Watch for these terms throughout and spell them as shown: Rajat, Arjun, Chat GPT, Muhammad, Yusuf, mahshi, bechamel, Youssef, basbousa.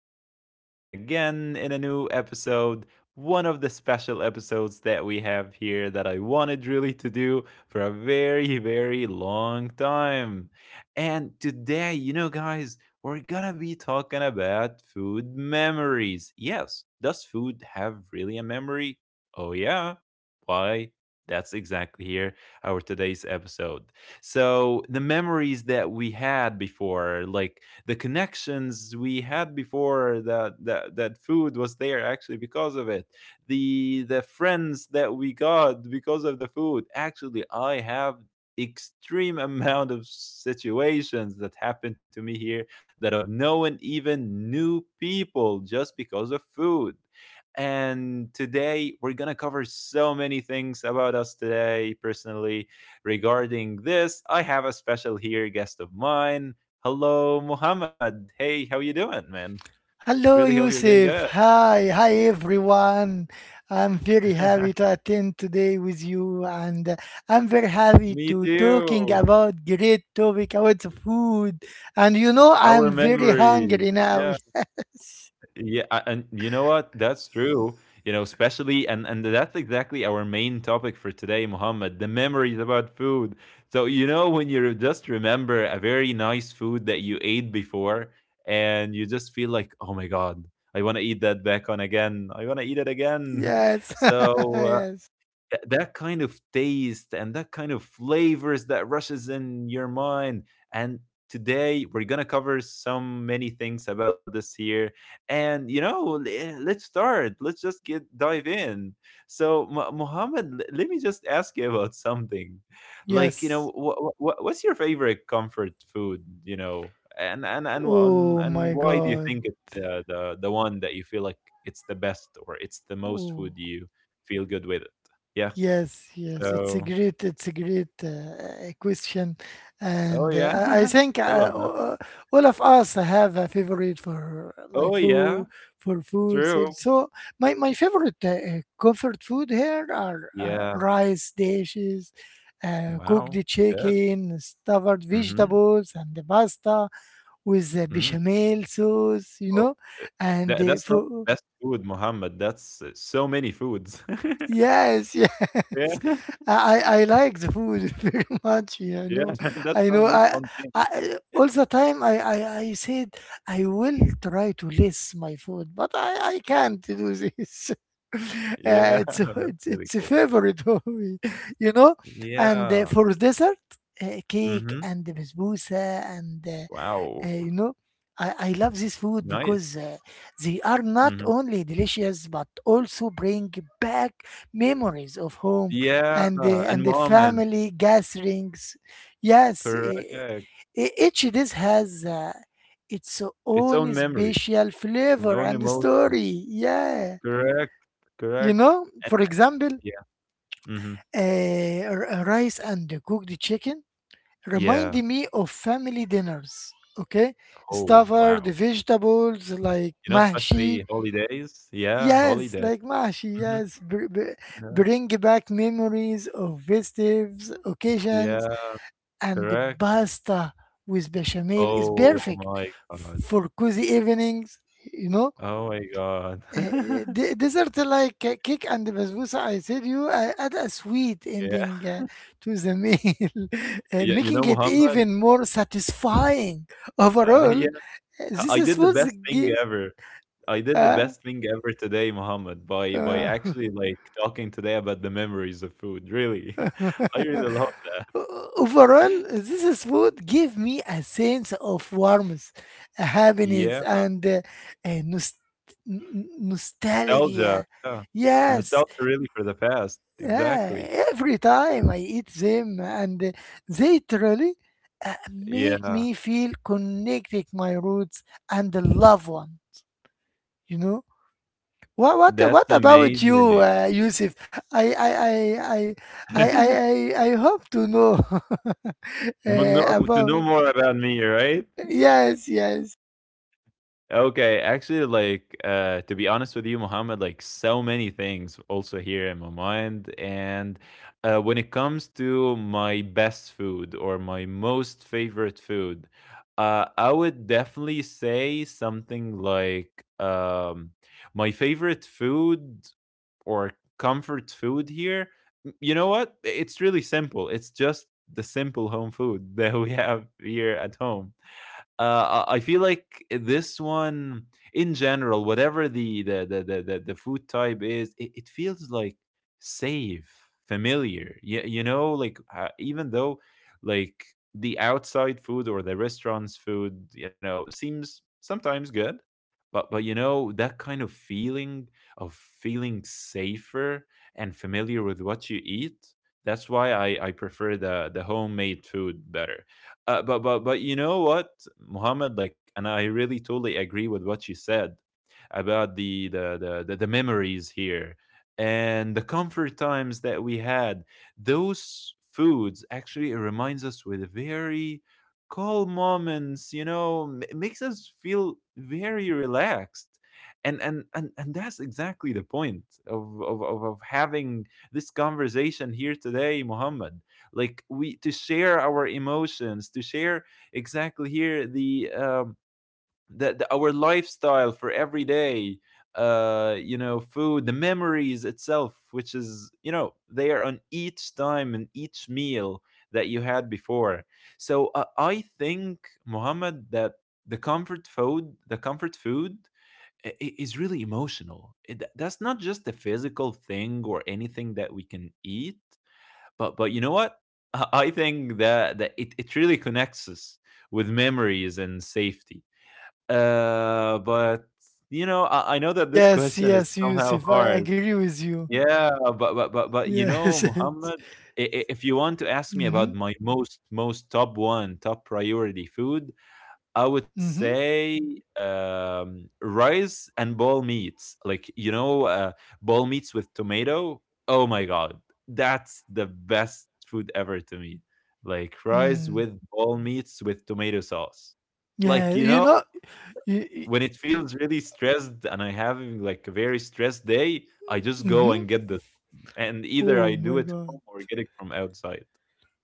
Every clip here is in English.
Youssef back here and again in a new episode. One of the special episodes that we have here that I wanted really to do for a very, very long time. And today, you know, guys, we're gonna be talking about food memories. Yes, does food have really a memory? Oh, yeah. Why? That's exactly here our today's episode. So the memories that we had before, like the connections we had before that food was there actually because of it. The friends that we got because of the food. Actually, I have extreme amount of situations that happened to me here that I've known even new people just because of food. And today we're gonna cover so many things about us today personally. Regarding this, I have a special here guest of mine. Hello, Muhammad. Hey, how you doing, man? Really Hello, hope you're doing good. Yusuf. Hi, everyone. I'm very happy to attend today with you, and I'm very happy Me to talking too. about great topic about food. And you know, Our I'm very memory. hungry now. Yeah, and you know what? That's true. You know, especially and that's exactly our main topic for today, Muhammad, the memories about food. So, you know, when you just remember a very nice food that you ate before and you just feel like, "Oh my God, I want to eat that back on again. I want to eat it again." Yes, yes, So, yes, that kind of taste and that kind of flavors that rushes in your mind. And today we're gonna cover some many things about this here. And you know, let's start. Let's just get dive in. So, Muhammad, let me just ask you about something. Like, you know, yes what's your favorite comfort food? You know, and and and wh- and, Oh and my why do you God. think it's the one that you feel like it's the best or it's the most food Oh. you feel good with? Yeah. Yes, it's a So great, it's a great uh, question, oh, and yeah. I think I love that. All of us have a favorite for like Oh, yeah. food, for foods. And True. so my favorite comfort food here are Yeah. rice dishes, cooked Wow. Good. chicken, stuffed Mhm. vegetables, and the pasta with the Mm. bechamel sauce, you Oh, know, eh, and that uh, that's not for best food, Mohammed. That's, so many foods. Yes, yes. Yeah. I like the food very much. yeah, I Yeah. know, That's I not know. just I, one thing. I all the time I said I will try to list my food, but I can't do this. Yeah. Uh, it's That's it's really it's a cool. favorite of me, you know. And Yeah. for dessert, cake Mhm. and the basbousa and Wow. you know, I love this food Nice. because they are Mhm. not only delicious but also bring back memories of home Yeah. and the, And and the moment. family gatherings. Yes, Correct. e- each dish has its Its own own memory special and flavor own and emotion. story. Yeah, Correct. you Correct. know, And for example, yeah. Mhm. Rice and cooked chicken Yeah. reminded me of family dinners. Okay, Oh, stuffed wow. vegetables like You know, mahshi. especially holidays. Yeah, Yes, holiday. like mahshi. Mhm. Yes, Yeah. bring back memories of festive Yeah, occasions, and the correct. pasta with bechamel is Oh perfect my god. for cozy evenings. You know, Oh my god. Dessert like cake and basbousa, I said you add a sweet Yeah. ending to the meal, Yeah, you making know, it Muhammad, even more satisfying. Overall, yeah, this I is did the food best thing g- ever. I did the uh, best thing ever today, Muhammad, by uh, actually, like, talking today about the memories of food, really. I really love it. Overall, this is food Give me a sense of warmth, a Yeah. happiness, and a nost- n- n- Nostalgia, nostalgia. yeah. Yes, Nostalgia really for the past. Yeah, Exactly. every time I eat them, and they truly make Yeah. me feel connected my roots and the loved one. You know what? What? That's What about amazing. you, Yusuf? I, I, I, I, I, I, I I hope to know No, no, to about. know more about me, right? uh, Yes, yes, Okay, actually, like, to be honest with you, Mohammed, like, so many things also here in my mind. And when it comes to my best food or my most favorite food, I would definitely say something like, my favorite food or comfort food here, you know what? It's really simple. It's just the simple home food that we have here at home. I feel like this one, in general, whatever the food type is, it feels like safe, familiar. Yeah, you know, like even though, like the outside food or the restaurant's food, you know, seems sometimes good, but you know that kind of feeling safer and familiar with what you eat. That's why I prefer the homemade food better, but you know what, Muhammad? Like, and I really totally agree with what you said about the memories here and the comfort times that we had. Those foods actually reminds us with very calm moments. You know, it makes us feel very relaxed. And, and that's exactly the point of, having this conversation here today, Muhammad, like we to share our emotions, to share exactly here the our lifestyle for every day, uh, you know, food, the memories itself, which is, you know, they are on each time and each meal that you had before. So I think, Muhammad, that the comfort food is really emotional. It- that's not just a physical thing or anything that we can eat, but you know what? I think that it, it really connects us with memories and safety. But you know, I know that this yes, question is yes, somehow Yusuf. I hard. agree with you. Yeah, but you know, Yes. Muhammad, if you want to ask me Mm-hmm. about my most top one top priority food, I would Mm-hmm. say rice and ball meats, like you know, ball meats with tomato. Oh my god, that's the best food ever to me. Like rice Mm. with ball meats with tomato sauce. Yeah. Like you You know, know. Mm-hmm. when it feels really stressed and I having like a very stressed day, I just go and get this, and Oh either I my do it God. home or get it from outside.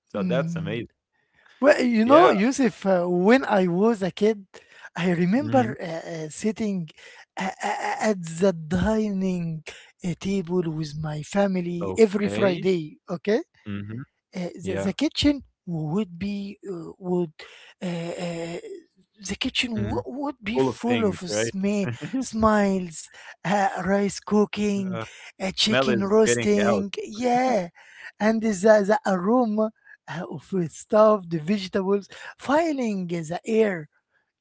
So that's Mm. amazing. Well, you know, Yeah. Yusuf, when I was a kid, I Mhm. remember sitting at the dining table with my family every Okay. Friday, okay? Hmm. The Yeah. kitchen would be would uh, uh, the kitchen wo- Mhm. would be Full of full of things, right? sma smiles, rice cooking, Yeah. Smell chicken is getting out. roasting, yeah, and the aroma of stuffed vegetables filling the air.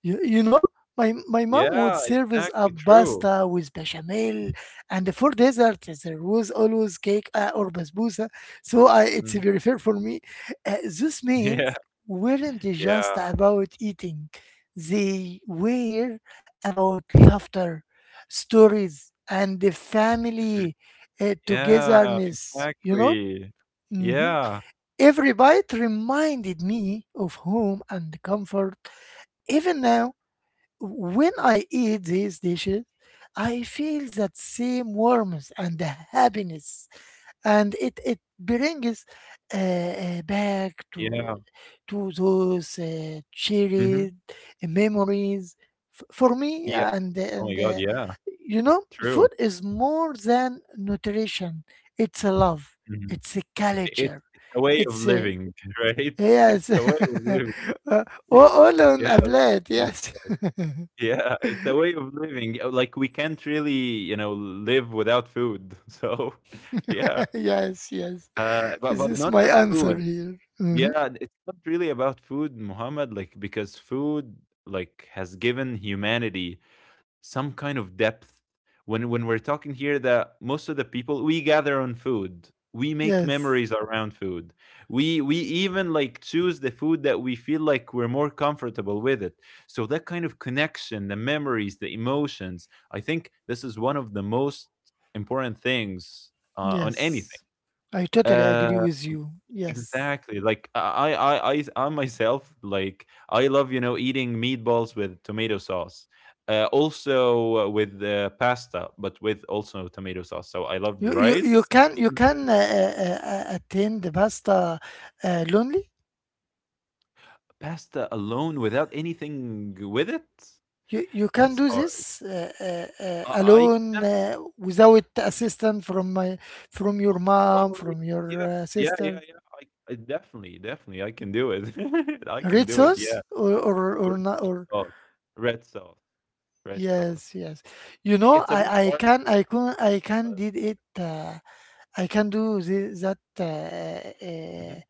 You know, my mom would Yeah, serve us exactly, a true. pasta with bechamel, and for dessert there was always cake or basbousa. So I, it's Mhm. very fair for me. Those Yeah, meals weren't just yeah. about eating; they were about laughter, stories, and the Mhm. family Yeah, togetherness. You know. exactly. Hmm. Yeah, Every bite reminded me of home and comfort. Even now, when I eat these dishes, I feel that same warmth and happiness, and it brings back yeah. to those Mhm. cherished memories for me. Yeah. And Oh my and god, uh, yeah, you know, true. food is more than nutrition. It's a love. Mhm. It's a I culture. it's a way of It's a living, right? It's yes. a way of living. Uh, all on Yeah, a plate. to Yes. describe. Yeah, it's a way of living. Like, we can't really, you know, live without food. So, yeah. Yes. This But is not my just answer food. here. Mhm. Yeah, and it's not really about food, Muhammad, like because food like has given humanity some kind of depth. When we're talking here that most of the people we gather on food. We make Yes, memories around food. We even like choose the food that we feel like we're more comfortable with it. So that kind of connection, the memories, the emotions, I think this is one of the most important things on anything. yes. I totally agree Uh, with you. Yes. Exactly. Like I myself, like I love, you know, eating meatballs with tomato sauce, also with pasta, but with also tomato sauce. So I love You, rice, you mm, can attend the pasta lonely. pasta alone without anything with it. You can That's do hard. this I alone can. Without assistance from my from your mom Oh from your yeah, yeah, yeah, sister. yeah. I, definitely, definitely, I can do it. I can Red do it. Yeah, sauce or or with or not red or sauce, red sauce, red sauce. yes yes. You know It's a I bit I hard, can I can I can but. did it. I can do the, that Mm-hmm.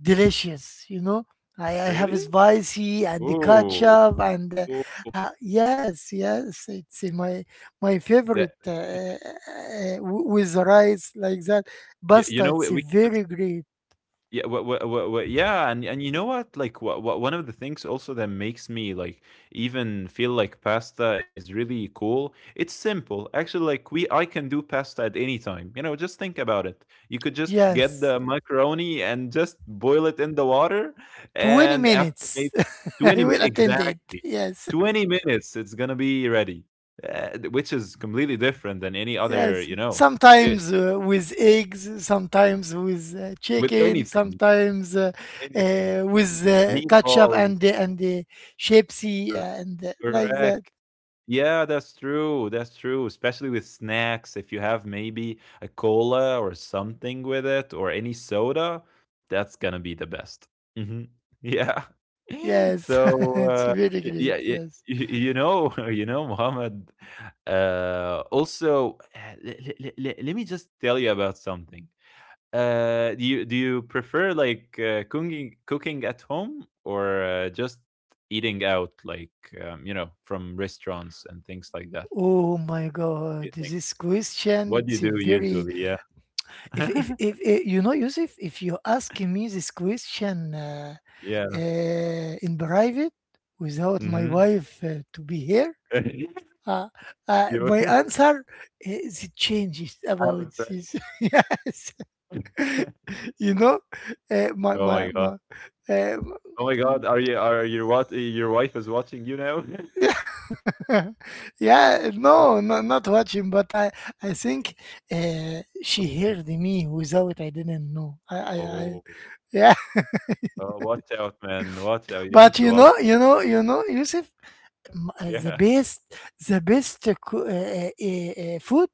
delicious, you know. I have Really? spicy and the Oh, ketchup and uh, oh, uh, yes, yes, it's my my that. favorite with rice like that. y You Pasta, know, it's we can. very great. Yeah, yeah, and you know what? Like, one of the things also that makes me like even feel like pasta is really cool. It's simple, actually. Like, we I can do pasta at any time. You know, just think about it. You could just get Yes, the macaroni and just boil it in the water, twenty and after minutes. maybe I twenty will minutes attend it. exactly, Yes. 20 minutes, it's gonna be ready, which is completely different than any other Yes, you know dish sometimes with eggs, sometimes with with chicken, anything, sometimes with anything with ketchup meatballs. and Pepsi Cor and like that. Correct. Yeah, that's true, especially with snacks, if you have maybe a cola or something with it or any soda, that's gonna be the best. Mhm. Yeah. Yes, So, it's very y yeah, great. y Yes. y you know, you know, Mohammed, also, le le le le let me just tell you about something. Do you prefer like cooking at home or just eating out, like you know, from restaurants and things like that? What Oh my do you God, think? this question, What do you it's a do very, usually? Yeah, if, eh, you know, Yusuf, if you ask me this question yeah. in private without my Mm-hmm. wife to be here, Uh, You my only answer is changes out, about right? this. yes, you know, my Oh my my god! my. Uh, Oh my god! Are you, are your, what? Your wife is watching you now. yeah, yeah, no, no, not watching, but I think she Okay. heard me without I didn't know. I Oh, yeah, oh, watch out, man! Watch out! You but need to you watch. know, you know, you know, Yusuf, m- uh, Yeah, the best, the best food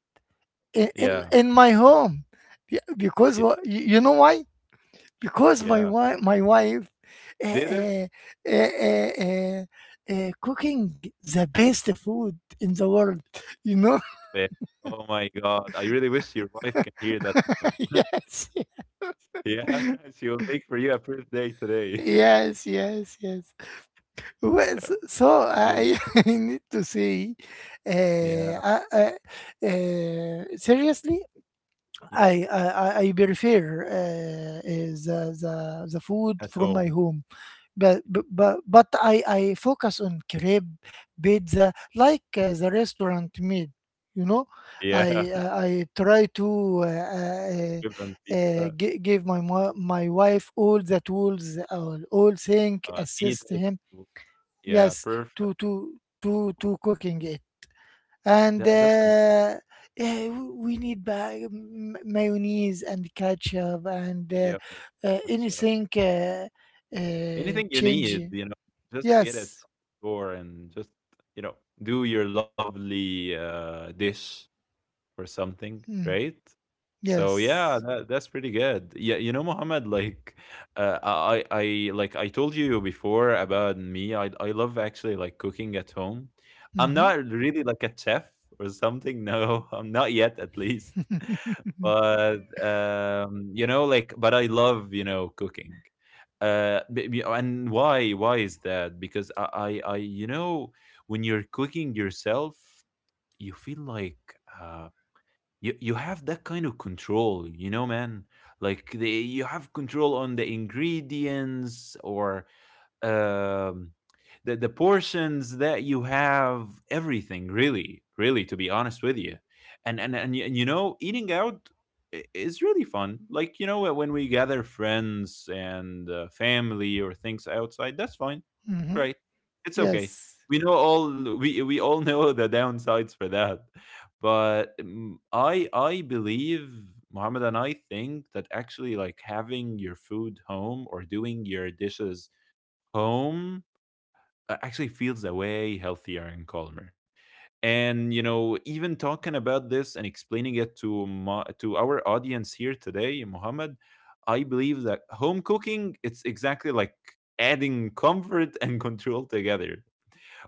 in, in yeah, in my home, Yeah, because yeah, you you know why? Because yeah. My wife, uh, Did it? uh, uh, uh, uh, cooking the best food in the world. You know, Perfect. Oh my God. I really wish your wife can hear that now. yes, Yeah, she will make for you a birthday today. yes. Well, Oh, so so I, amazing. I need to say, Yeah, seriously, yeah. I prefer is the food At from my home. home, but I focus on crepe, pizza, like the restaurant made. You know, Yeah, I I I try to uh, uh, give them pizza. Give my my wife all the tools, all thing, assist Needed. him. Yeah, Yes, perfect. to cooking it and That's amazing. uh, yeah, we need mayonnaise and ketchup and uh, Yeah, no, uh, that's anything anything you need, changing. you know, just get it Yes, from the store and just, you know, do your lovely dish or something, Mm, right? So yeah, yes, that's pretty good. Yeah, you know, Mohammed, like I like I told you before about me. I love actually like cooking at home. I'm hmm not really like a chef or something. No, I'm not yet, at least. But you know, like, but I love you know cooking. And why is that? Because I you know when you're cooking yourself, you feel like. Uh, you have that kind of control, you know, man, like you have control on the ingredients, or um, the portions that you have, everything, really really, to be honest with you. And you know, eating out is really fun, like, you know, when we gather friends and family or things outside, that's fine. hmm Right. It's okay. yes, We know all, we all know the downsides for that. But I believe, Mohammed, and I think that actually, like, having your food home or doing your dishes home, actually feels that way healthier and calmer. And you know, even talking about this and explaining it to to our audience here today, Mohammed, I believe that home cooking, it's exactly like adding comfort and control together.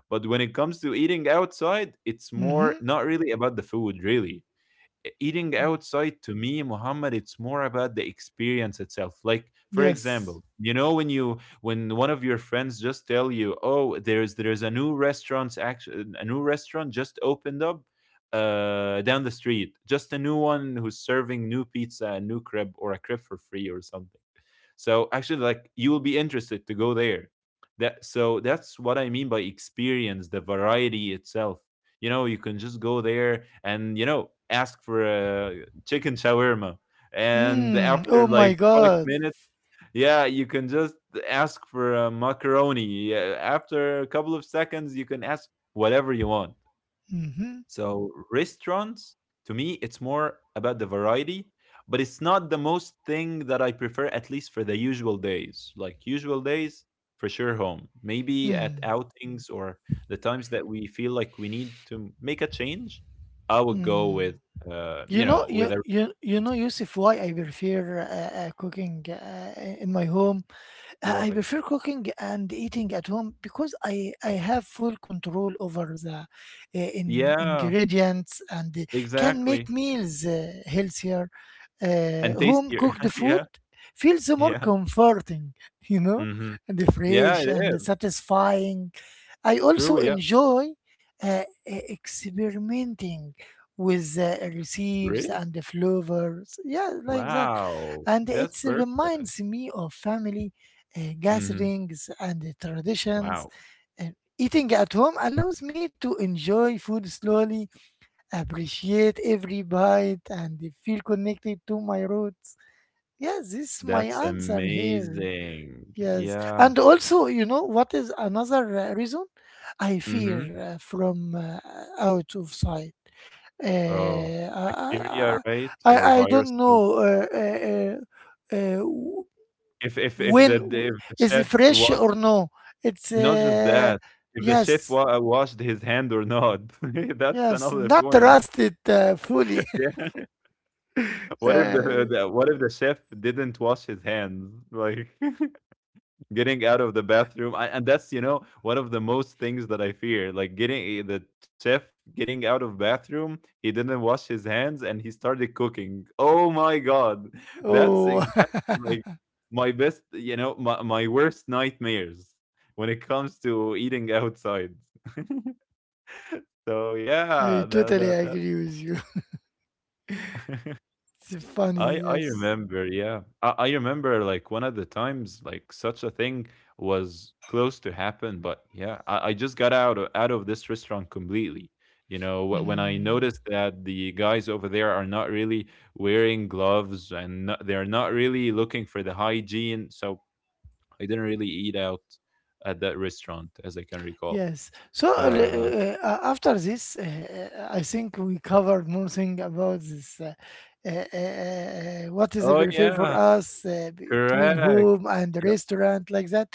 But when it comes to eating outside, it's more hmm not really about the food really. Eating outside to me, Muhammad, it's more about the experience itself. Like, for yes. example, you know, when you, when one of your friends just tell you, oh, there's a new restaurant's action, a new restaurant just opened up, uh, down the street, just a new one who's serving new pizza and new crib, or a crib for free or something. So actually, like, you will be interested to go there. That, so that's what I mean by experience, the variety itself. You know, you can just go there and you know, ask for a chicken shawarma, and Mm. after Oh my like five God. minutes yeah, you can just ask for a macaroni. Yeah, after a couple of seconds you can ask whatever you want. Hmm. So restaurants, to me, it's more about the variety, but it's not the most thing that I prefer, at least for the usual days. Like usual days, for sure home. Maybe at Mm. outings or the times that we feel like we need to make a change, I would go Mm. with, You you know, know, you with a you you know, Yusuf, why I prefer cooking in my home I why. prefer cooking and eating at home because I Mhm. have full control over the Yeah, ingredients and can make exactly. meals healthier. And Home tastier. cooked food Yeah, feels more yeah. comforting, you know, Hmm. and fresh Yeah, it and is. satisfying. I also True, yeah. enjoy experimenting with Really? recipes and the flavors. Yeah, like that. Wow. And it That's perfect. reminds me of family Hmm. gatherings and the traditions. Wow, And eating at home allows me to enjoy food slowly, appreciate every bite, and feel connected to my roots. Yeah, this is my that's answer here. amazing. Yes, Yeah. and also, you know, what is another reason? I fear Mhm. from out of sight. Uh, Oh, I, bacteria, I, right? Or I don't viruses. know If when the if the is it chef, fresh what? or no. It's Not just that, if the chef yes, wa washed his hand or not, that's yes, another not point. rusted fully. Yeah. What if Uh, the, what if the chef didn't wash his hands? Like getting out of the bathroom, and that's, you know, one of the most things that I fear, like getting the chef getting out of bathroom, he didn't wash his hands and he started cooking. Oh my god. That's oh, exactly like my best, my worst nightmares when it comes to eating outside. So I yeah, totally that, agree with you. It's I funny, I yes. remember, yeah. I remember like one of the times like such a thing was close to happen, but yeah, I just got out of this restaurant completely. You know, when I Mm. noticed that the guys over there are not really wearing gloves, and not, they're not really looking for the hygiene, so I didn't really eat out at that restaurant, as I can recall. Yes. So Uh, after this, I think we covered more thing about this. What is the oh prefer for yeah, us between correct. home and the Yeah, restaurant like that?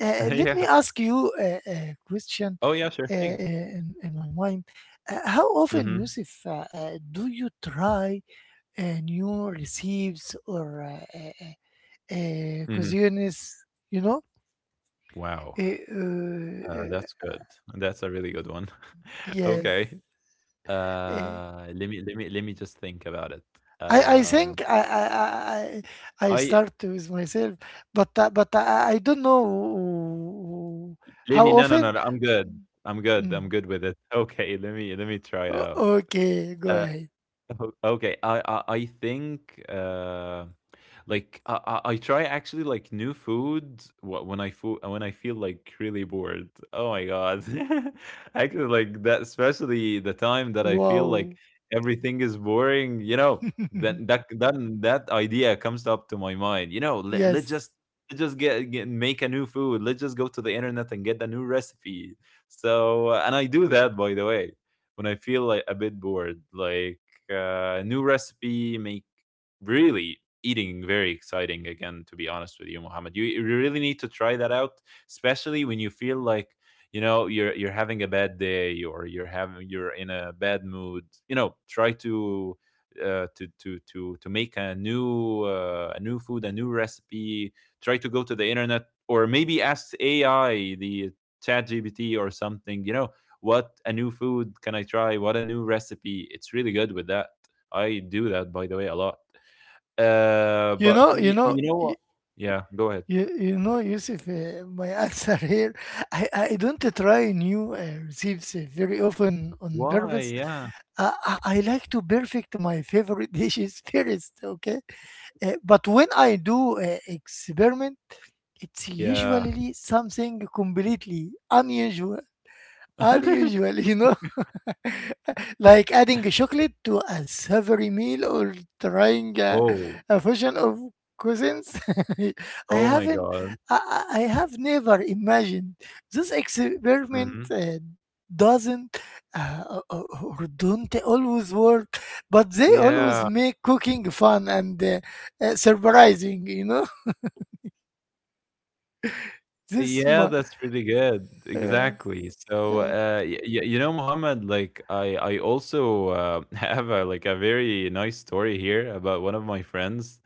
Let me yeah. ask you a question Oh yeah, sure thing. In my mind. How often, Mm-hmm. Yusuf, do you try new recipes or Mm-hmm. cuisines? You know, Wow. Uh, uh, uh, That's good. That's a really good one. yes. Okay. Uh, Let me just think about it. I, I Um, think I I I I I I start with myself, but I don't know let how me no no no often. no. I'm good. I'm good. I'm Mm. good with it. Okay. Let me try it O- out. Okay, go Uh, ahead. Okay. I think. Like I, I try actually, like, new food when I when I feel like really bored. Oh my god! Actually, like that, especially the time that I feel like Wow. everything is boring. You know, then that idea comes up to my mind. You know, let's yes, just get, make a new food. Let's just go to the internet and get a new recipe. So, and I do that, by the way, when I feel like a bit bored, like new recipe, make really eating very exciting again, to be honest with you, Mohammed. You really need to try that out, especially when you feel like, you know, you're having a bad day, or you're having, you're in a bad mood. You know, try to to make a new, a new food, a new recipe. Try to go to the internet, or maybe ask AI, the Chat GPT or something. You know, what a new food can I try? What a new recipe? It's really good with that. I do that, by the way, a lot. But you me, know. you know what, yeah, go ahead. You know, Yusuf, my answer here, I don't try new recipes very often on Why? purpose. Yeah. I like to perfect my favorite dishes first, okay? But when I do experiment, it's Yeah. usually something completely unusual. Unusual, you know? Like adding chocolate to a savory meal or trying Oh. a fusion of cuisines. I Oh my haven't, god. I have never imagined this experiment. Mhm. Doesn't uh, or or don't always work but they always Yeah. make cooking fun and surprising you know this Yeah, mu- that's really good. uh, Exactly. So, uh, y y you know, Mohammed, like I also, have a like a very nice story here about one of my friends.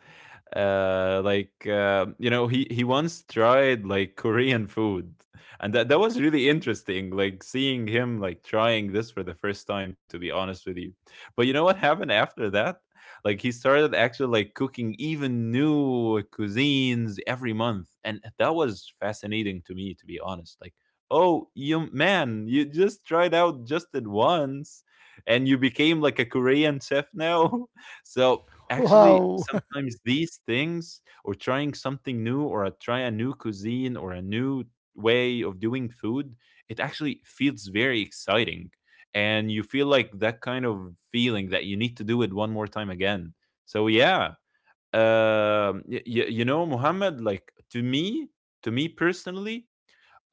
Like, you know, he once tried like Korean food, and that, that was really interesting. Like seeing him like trying this for the first time. To be honest with you, but you know what happened after that? Like he started actually, like, cooking even new cuisines every month, and that was fascinating to me. To be honest, like, oh, you man, you just tried out just at once and you became like a Korean chef now. So actually, wow sometimes these things or trying something new, or a try a new cuisine or a new way of doing food, it actually feels very exciting. And you feel like that kind of feeling that you need to do it one more time again. So yeah, you know, Muhammad, like to me personally,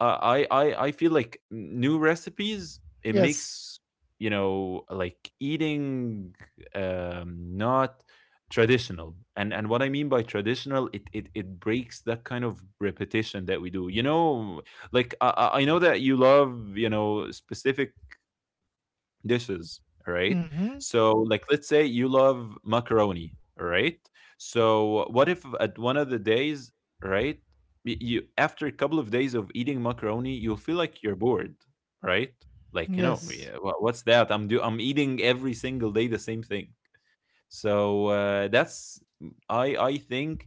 I feel like new recipes, it yes makes, you know, like eating, not traditional. And what I mean by traditional, it breaks that kind of repetition that we do, you know, like I know that you love, you know, specific dishes, all right? hmm So, like, let's say you love macaroni, all right? So, what if at one of the days, right, you, after a couple of days of eating macaroni, you'll feel like you're bored, right? Like, you know, yes yeah, what's that? I'm eating every single day the same thing. So that's, I think,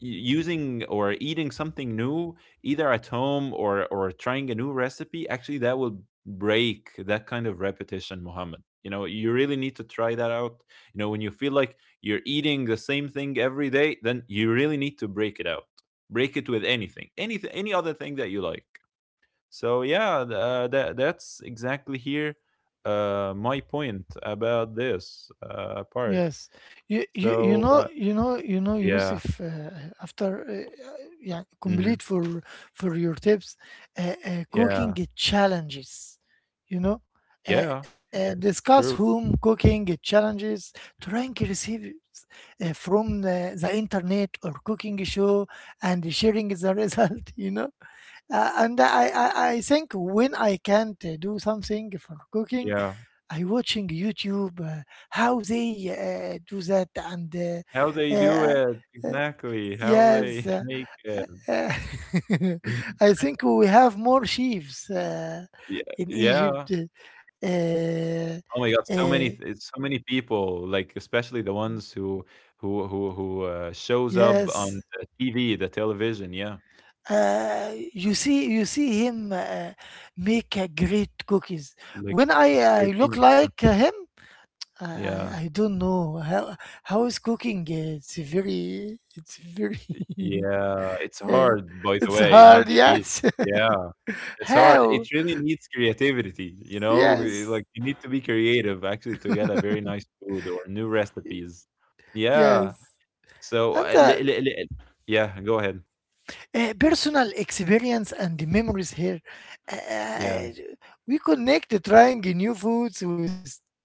using or eating something new, either at home or trying a new recipe, actually that will break that kind of repetition, Mohammed. You know, you really need to try that out. You know, when you feel like you're eating the same thing every day, then you really need to break it out. Break it with anything, anything, any other thing that you like. So yeah, that that's exactly here, my point about this, part. Yes, So, you know yeah, Yusuf. After yeah, mhm, complete for your tips, cooking yeah, challenges. You know, yeah, yeah, it's true, discuss home cooking challenges. Trying recipes from the internet or cooking show and sharing the result. You know, and I think when I can't do something for cooking. yeah. I watching YouTube how they do that and How they do uh, it, uh, exactly, how they yes make it. uh, I think we have more sheaves Yeah, in yeah. Egypt uh, Oh my god, uh, so many people, like, especially the ones who shows up on yes the TV, the television, yeah, you see him make a great cookies like when I Chervini, look like him I, I yeah, I don't know how is cooking it's very yeah, it's Eh, hard, by the It's way, not hard, that easy, yes. yeah. It's hard. How? It really needs creativity, you know? Yes, Like you need to be creative actually to get a very nice food or new recipes. Yeah. yes. So, And the yeah, go ahead. Personal experience and the memories here. Yeah. Uh, we connect trying new foods with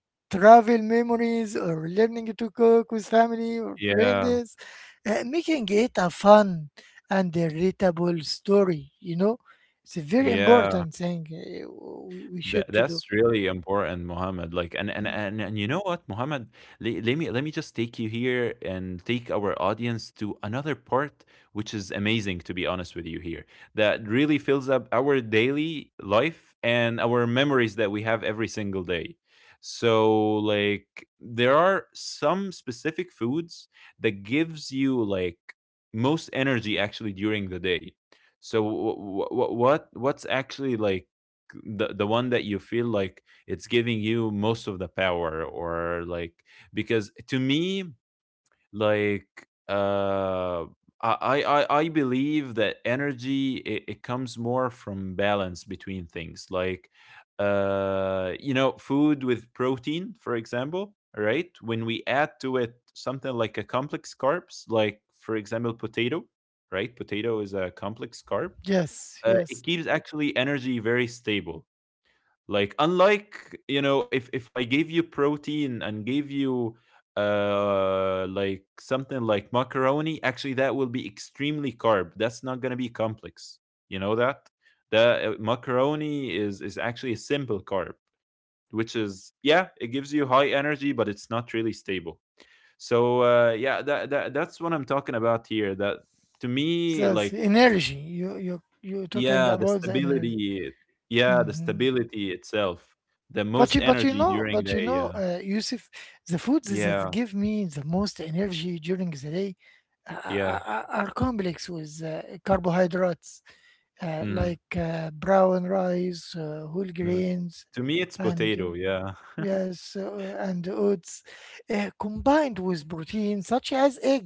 travel memories or learning to cook with family or Yeah. friends, making it a fun and a relatable story, you know? It's a very Yeah. important thing we That should to do. that's really important, Mohammed. Like, and you know what, Mohammed? Le Let me just take you here and take our audience to another part, which is amazing, to be honest with you. Here, that really fills up our daily life and our memories that we have every single day. So, like, there are some specific foods that gives you like most energy actually during the day. So, what what's actually like the one that you feel like it's giving you most of the power, or like, because to me, like, uh I believe that energy, it comes more from balance between things, like, you know, food with protein, for example, right, when we add to it something like a complex carbs, like, for example, potato, right, potato is a complex carb, Yes, yes. it keeps actually energy very stable, like, unlike, you know, if I gave you protein and gave you like something like macaroni, actually that will be extremely carb. That's not going to be complex. You know that? The macaroni is actually a simple carb, which is, yeah, it gives you high energy, but it's not really stable. So yeah, that that's what I'm talking about here, that to me, That's like, energy. You're talking yeah, the about the energy. stability. Yeah, the Mhm. stability itself. The But most energy during the you know yeah. Yusuf, the foods that Yeah, give me the most energy during the day are are yeah. are are complex with carbohydrates Mhm, like brown rice, whole mhm. grains, To me, it's and potato, yeah. yes, and oats, combined with protein such as egg,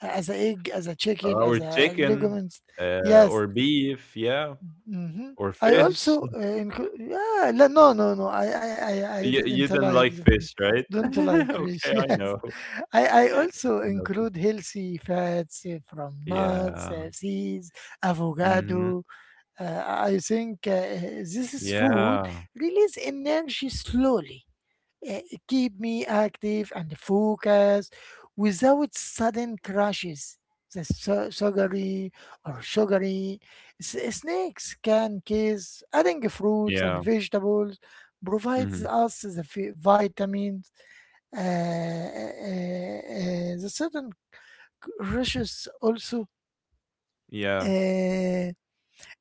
as a egg, as a chicken, Or as a chicken, legumes. Yes, or beef, yeah, Mhm. or I fish. also include. Yeah, le- no, no, no. I You didn't didn't like like the free. fish, right? Don't like fish. Okay, I Yes, know. I, I also I know this. include healthy fats from nuts, Yeah. Seeds, Mhm. avocado. I think this is food Yeah. release energy slowly uh, keep me active and focused without sudden crashes. The sugary or sugary snacks, can cause. Adding fruits and Yeah. vegetables provides Mhm. us the vitamins. The certain crushes also Yeah. uh,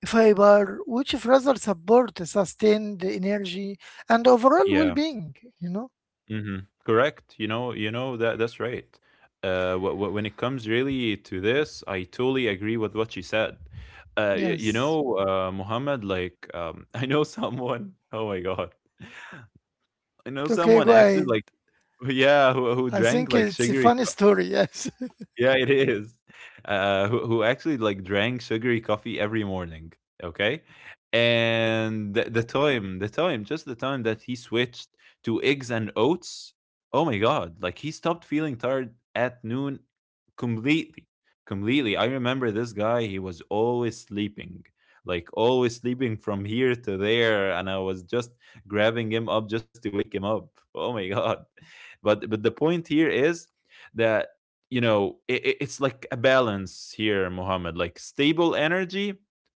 fiber, which further support sustained energy and overall Yeah. well-being. You know, Mhm. Correct. You know that's right. When it comes really to this, I totally agree with what she said. You yes. know, Muhammad, like, I know someone. Oh my God, I know Okay, someone go actually, ahead. like, yeah, who I drank think like it's a sugary funny story. Yes. yeah, it is. Who actually like drank sugary coffee every morning. Okay, and just the time that he switched to eggs and oats. Oh my god! Like he stopped feeling tired at noon completely, completely. I remember this guy. He was always sleeping, like always sleeping from here to there, and I was just grabbing him up just to wake him up. Oh my god! But the point here is that you know, it's like a balance here, Mohammed. Like stable energy,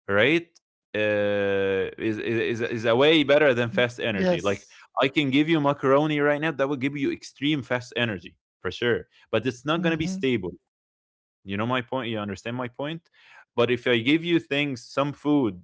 right? Is a way better than fast energy. Like yes. I can give you macaroni right now that will give you extreme fast energy for sure, but it's not gonna be Mm-hmm. stable. You know my point. You understand my point. But if I give you things, some food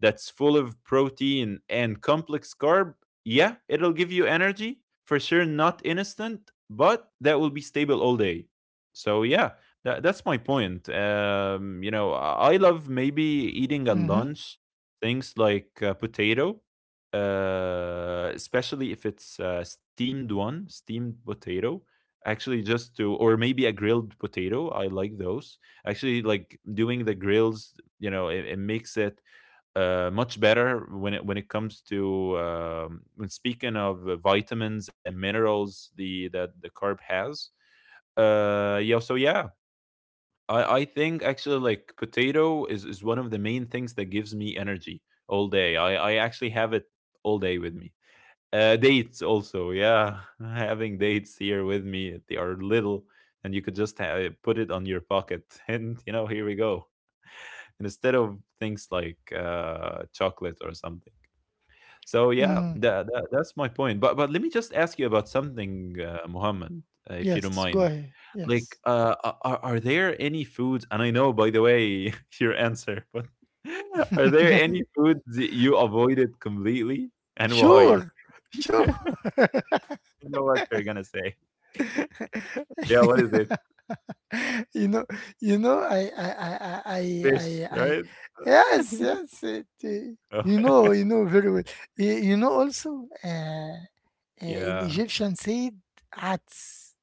that's full of protein and complex carb, yeah, it'll give you energy for sure, not instant, but that will be stable all day. So yeah, that's my point. You know, I love maybe eating at Mm-hmm. lunch things like potato, especially if it's steamed one, steamed potato. Actually, just to or maybe a grilled potato. I like those. Actually, like doing the grills. You know, it makes it much better when it comes to when speaking of vitamins and minerals the that the carb has. Yeah. So yeah, I think actually like potato is one of the main things that gives me energy all day. I actually have it all day with me. Dates also. Yeah, having dates here with me. They are little. And you could just put it on your pocket, and you know, here we go. And instead of things like chocolate or something. So yeah, Mm. that's my point. But let me just ask you about something, Muhammad, if you don't Yes. Go mind. ahead. Yes. Like, are there any foods? And I know, by the way, your answer, but are there any foods that you avoided completely, and why? sure. Sure. I know what you're gonna say. Yeah, what is it? you know. You know. I. I. I. I. I. Fish, I. I right? yes. Yes. It, Oh, you know. You know very well. You know also. In yeah. Egyptian said, "Ats."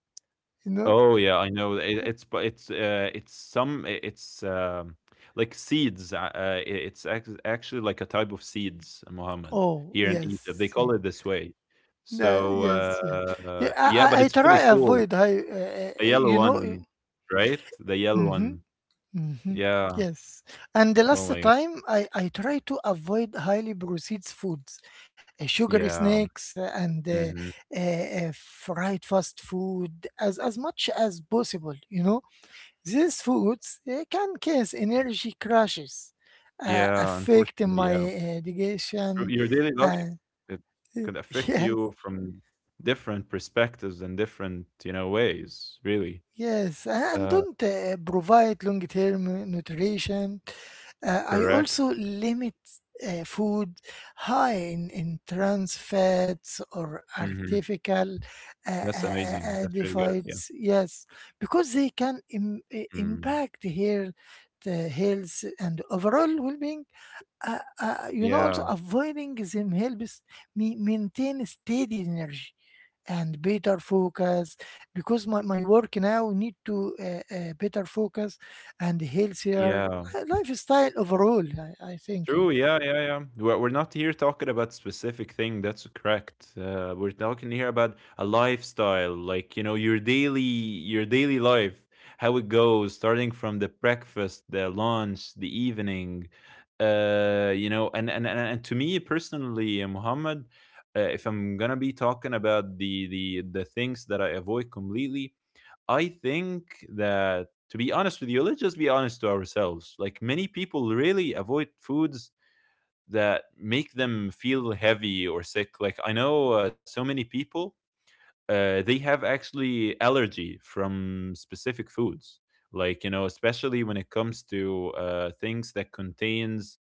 You know. Oh, yeah, I know. It's but it's some I it's, like seeds, I it's actually like a type of seeds, Mohammed, Oh here in Egypt. They yes. call Yes. it this way. Yeah. So, Yes, yes. Yeah, yeah, but I it's really try cool. avoid high, The yellow you know. one, right? The yellow Mm-hmm, one. mm-hmm, Yeah. yes. And the Oh last my god. time I try to avoid highly processed foods, sugary Yeah. snacks, and Mhm. uh, fried fast food as much as possible, you know. These foods can cause energy crashes, Yeah, affect unfortunately, yeah. my Your digestion, your daily life, and it could affect yes, you from different perspectives and different, you know, ways, really. Yes, and Uh don't provide long-term nutrition. I Correct. also limit food high in trans fats or Mhm. artificial uh, That's uh, uh, amazing. That's really good. Yeah. adipides. Yes, because they can Mm. impact here the health, and overall well-being. You know, also Yeah. avoiding them helps me maintain steady energy and better focus because my work now need to better focus and healthier Yeah. Lifestyle overall I think yeah. True. Yeah. Yeah. Yeah. We're not here talking about specific thing. That's correct. We're talking here about a lifestyle, like you know, your daily life, how it goes, starting from the breakfast, the lunch, the evening. You know, and to me personally, Muhammad, if I'm gonna be talking about the things that I avoid completely, I think that to be honest with you, let's just be honest to ourselves. Like many people really avoid foods that make them feel heavy or sick. Like I know so many people they have actually allergy from specific foods. Like you know, especially when it comes to things that contains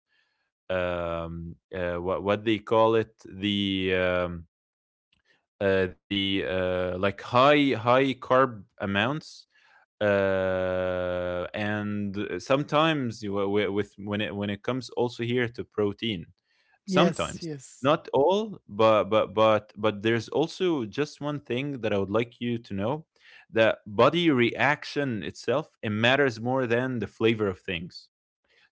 what they call it the like high carb amounts and sometimes with when it comes also here to protein Yes sometimes, yes not all, but but there's also just one thing that I would like you to know, that body reaction itself, it matters more than the flavor of things.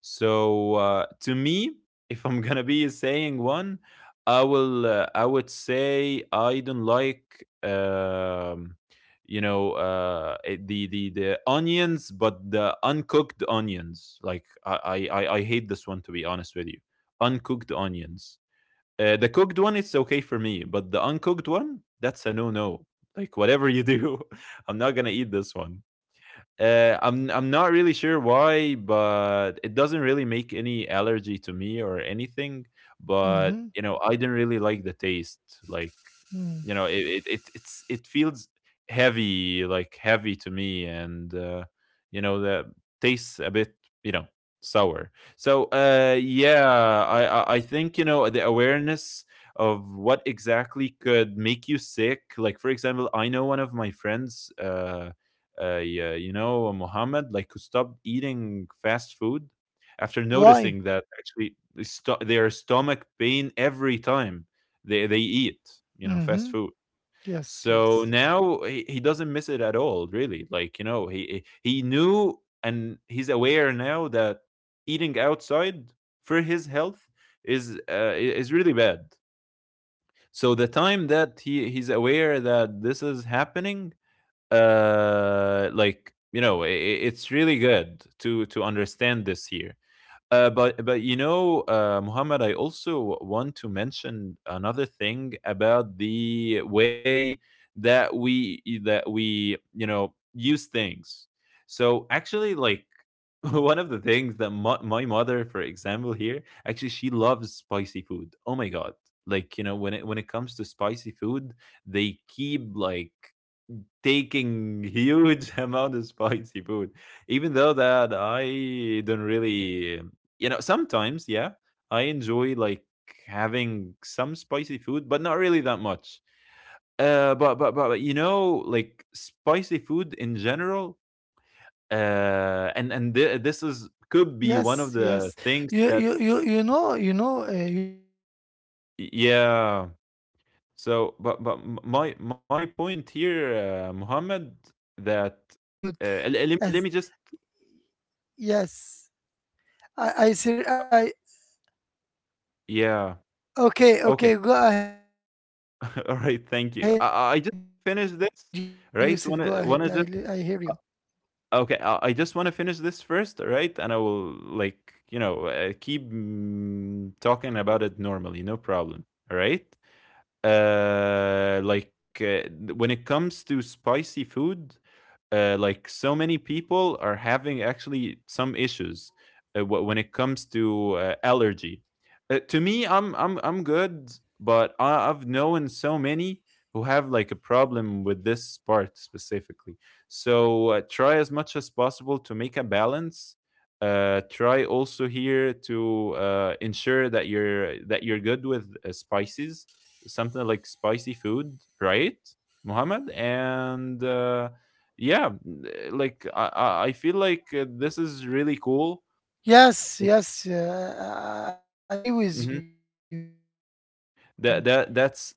So to me, if I'm gonna be saying one, I will. I would say I don't like. You know the onions, but the uncooked onions. Like I hate this one, to be honest with you. Uncooked onions. The cooked one it's okay for me, but the uncooked one, that's a no no. Like whatever you do I'm not gonna eat this one. I'm not really sure why, but it doesn't really make any allergy to me or anything. But mm-hmm. you know, I didn't really like the taste. Like Mm. you know, it it feels heavy, like heavy to me, and you know, the tastes a bit, you know, sour. So yeah, I think you know the awareness of what exactly could make you sick. Like for example, I know one of my friends. Yeah, you know, Mohammed, like, who stopped eating fast food after Why noticing that actually his their stomach pain every time they eat, you know, fast mm-hmm. food. Yes So yes now he doesn't miss it at all, really. Like, you know, he knew and he's aware now that eating outside for his health is is really bad. So the time that he he's aware that this is happening, like you know, it's really good to understand this here. But you know, Muhammad, I also want to mention another thing about the way that we you know use things. So actually, like one of the things that my mother, for example, here actually she loves spicy food. Oh my god! Like you know, when it comes to spicy food, they keep like taking huge amount of spicy food, even though that I don't really, you know, sometimes, yeah, I enjoy like having some spicy food, but not really that much. But you know, like spicy food in general, this is could be one of yes the yes things you that you you, you know you know uh, yusuf I need to say yeah. To be honest with you, My Yusuf, my I point here, once heard Muhammad, some negative that things about. Let As me just yes, I yeah. okay Okay. okay go ahead, Yusuf. Go ahead. All right. I hear Thank you. you. I just finish this, right? Wanna just uh, okay. I just wanna finish this first, all right? And I will like you know keep talking about it normally, no problem. All right. Like when it comes to spicy food, like so many people are having actually some issues when it comes to allergy. To me, I'm good, but I've known so many who have like a problem with this part specifically. So try as much as possible to make a balance. Try also here to ensure that you're good with spices, something like spicy food, right, Muhammad? And yeah, like I feel like this is really cool. Yes yes, I agree with Mhm. you. That that that's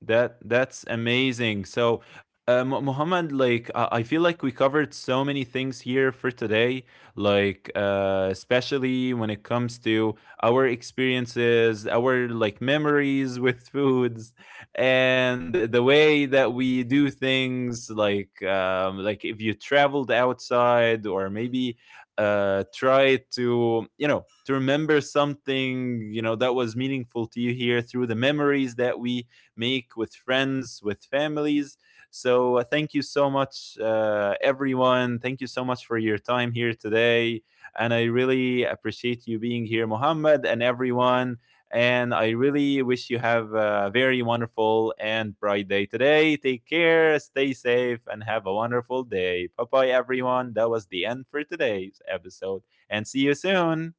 that's amazing. So, Muhammad, like I feel like we covered so many things here for today, like especially when it comes to our experiences, our like memories with foods, and the way that we do things, like if you traveled outside or maybe try to you know to remember something you know that was meaningful to you here through the memories that we make with friends, with families. So thank you so much everyone, thank you so much for your time here today, and I really appreciate you being here, Muhammad, and everyone. And I really wish you have a very wonderful and bright day today. Take care, stay safe, and have a wonderful day. Bye bye, everyone. That was the end for today's episode. And see you soon.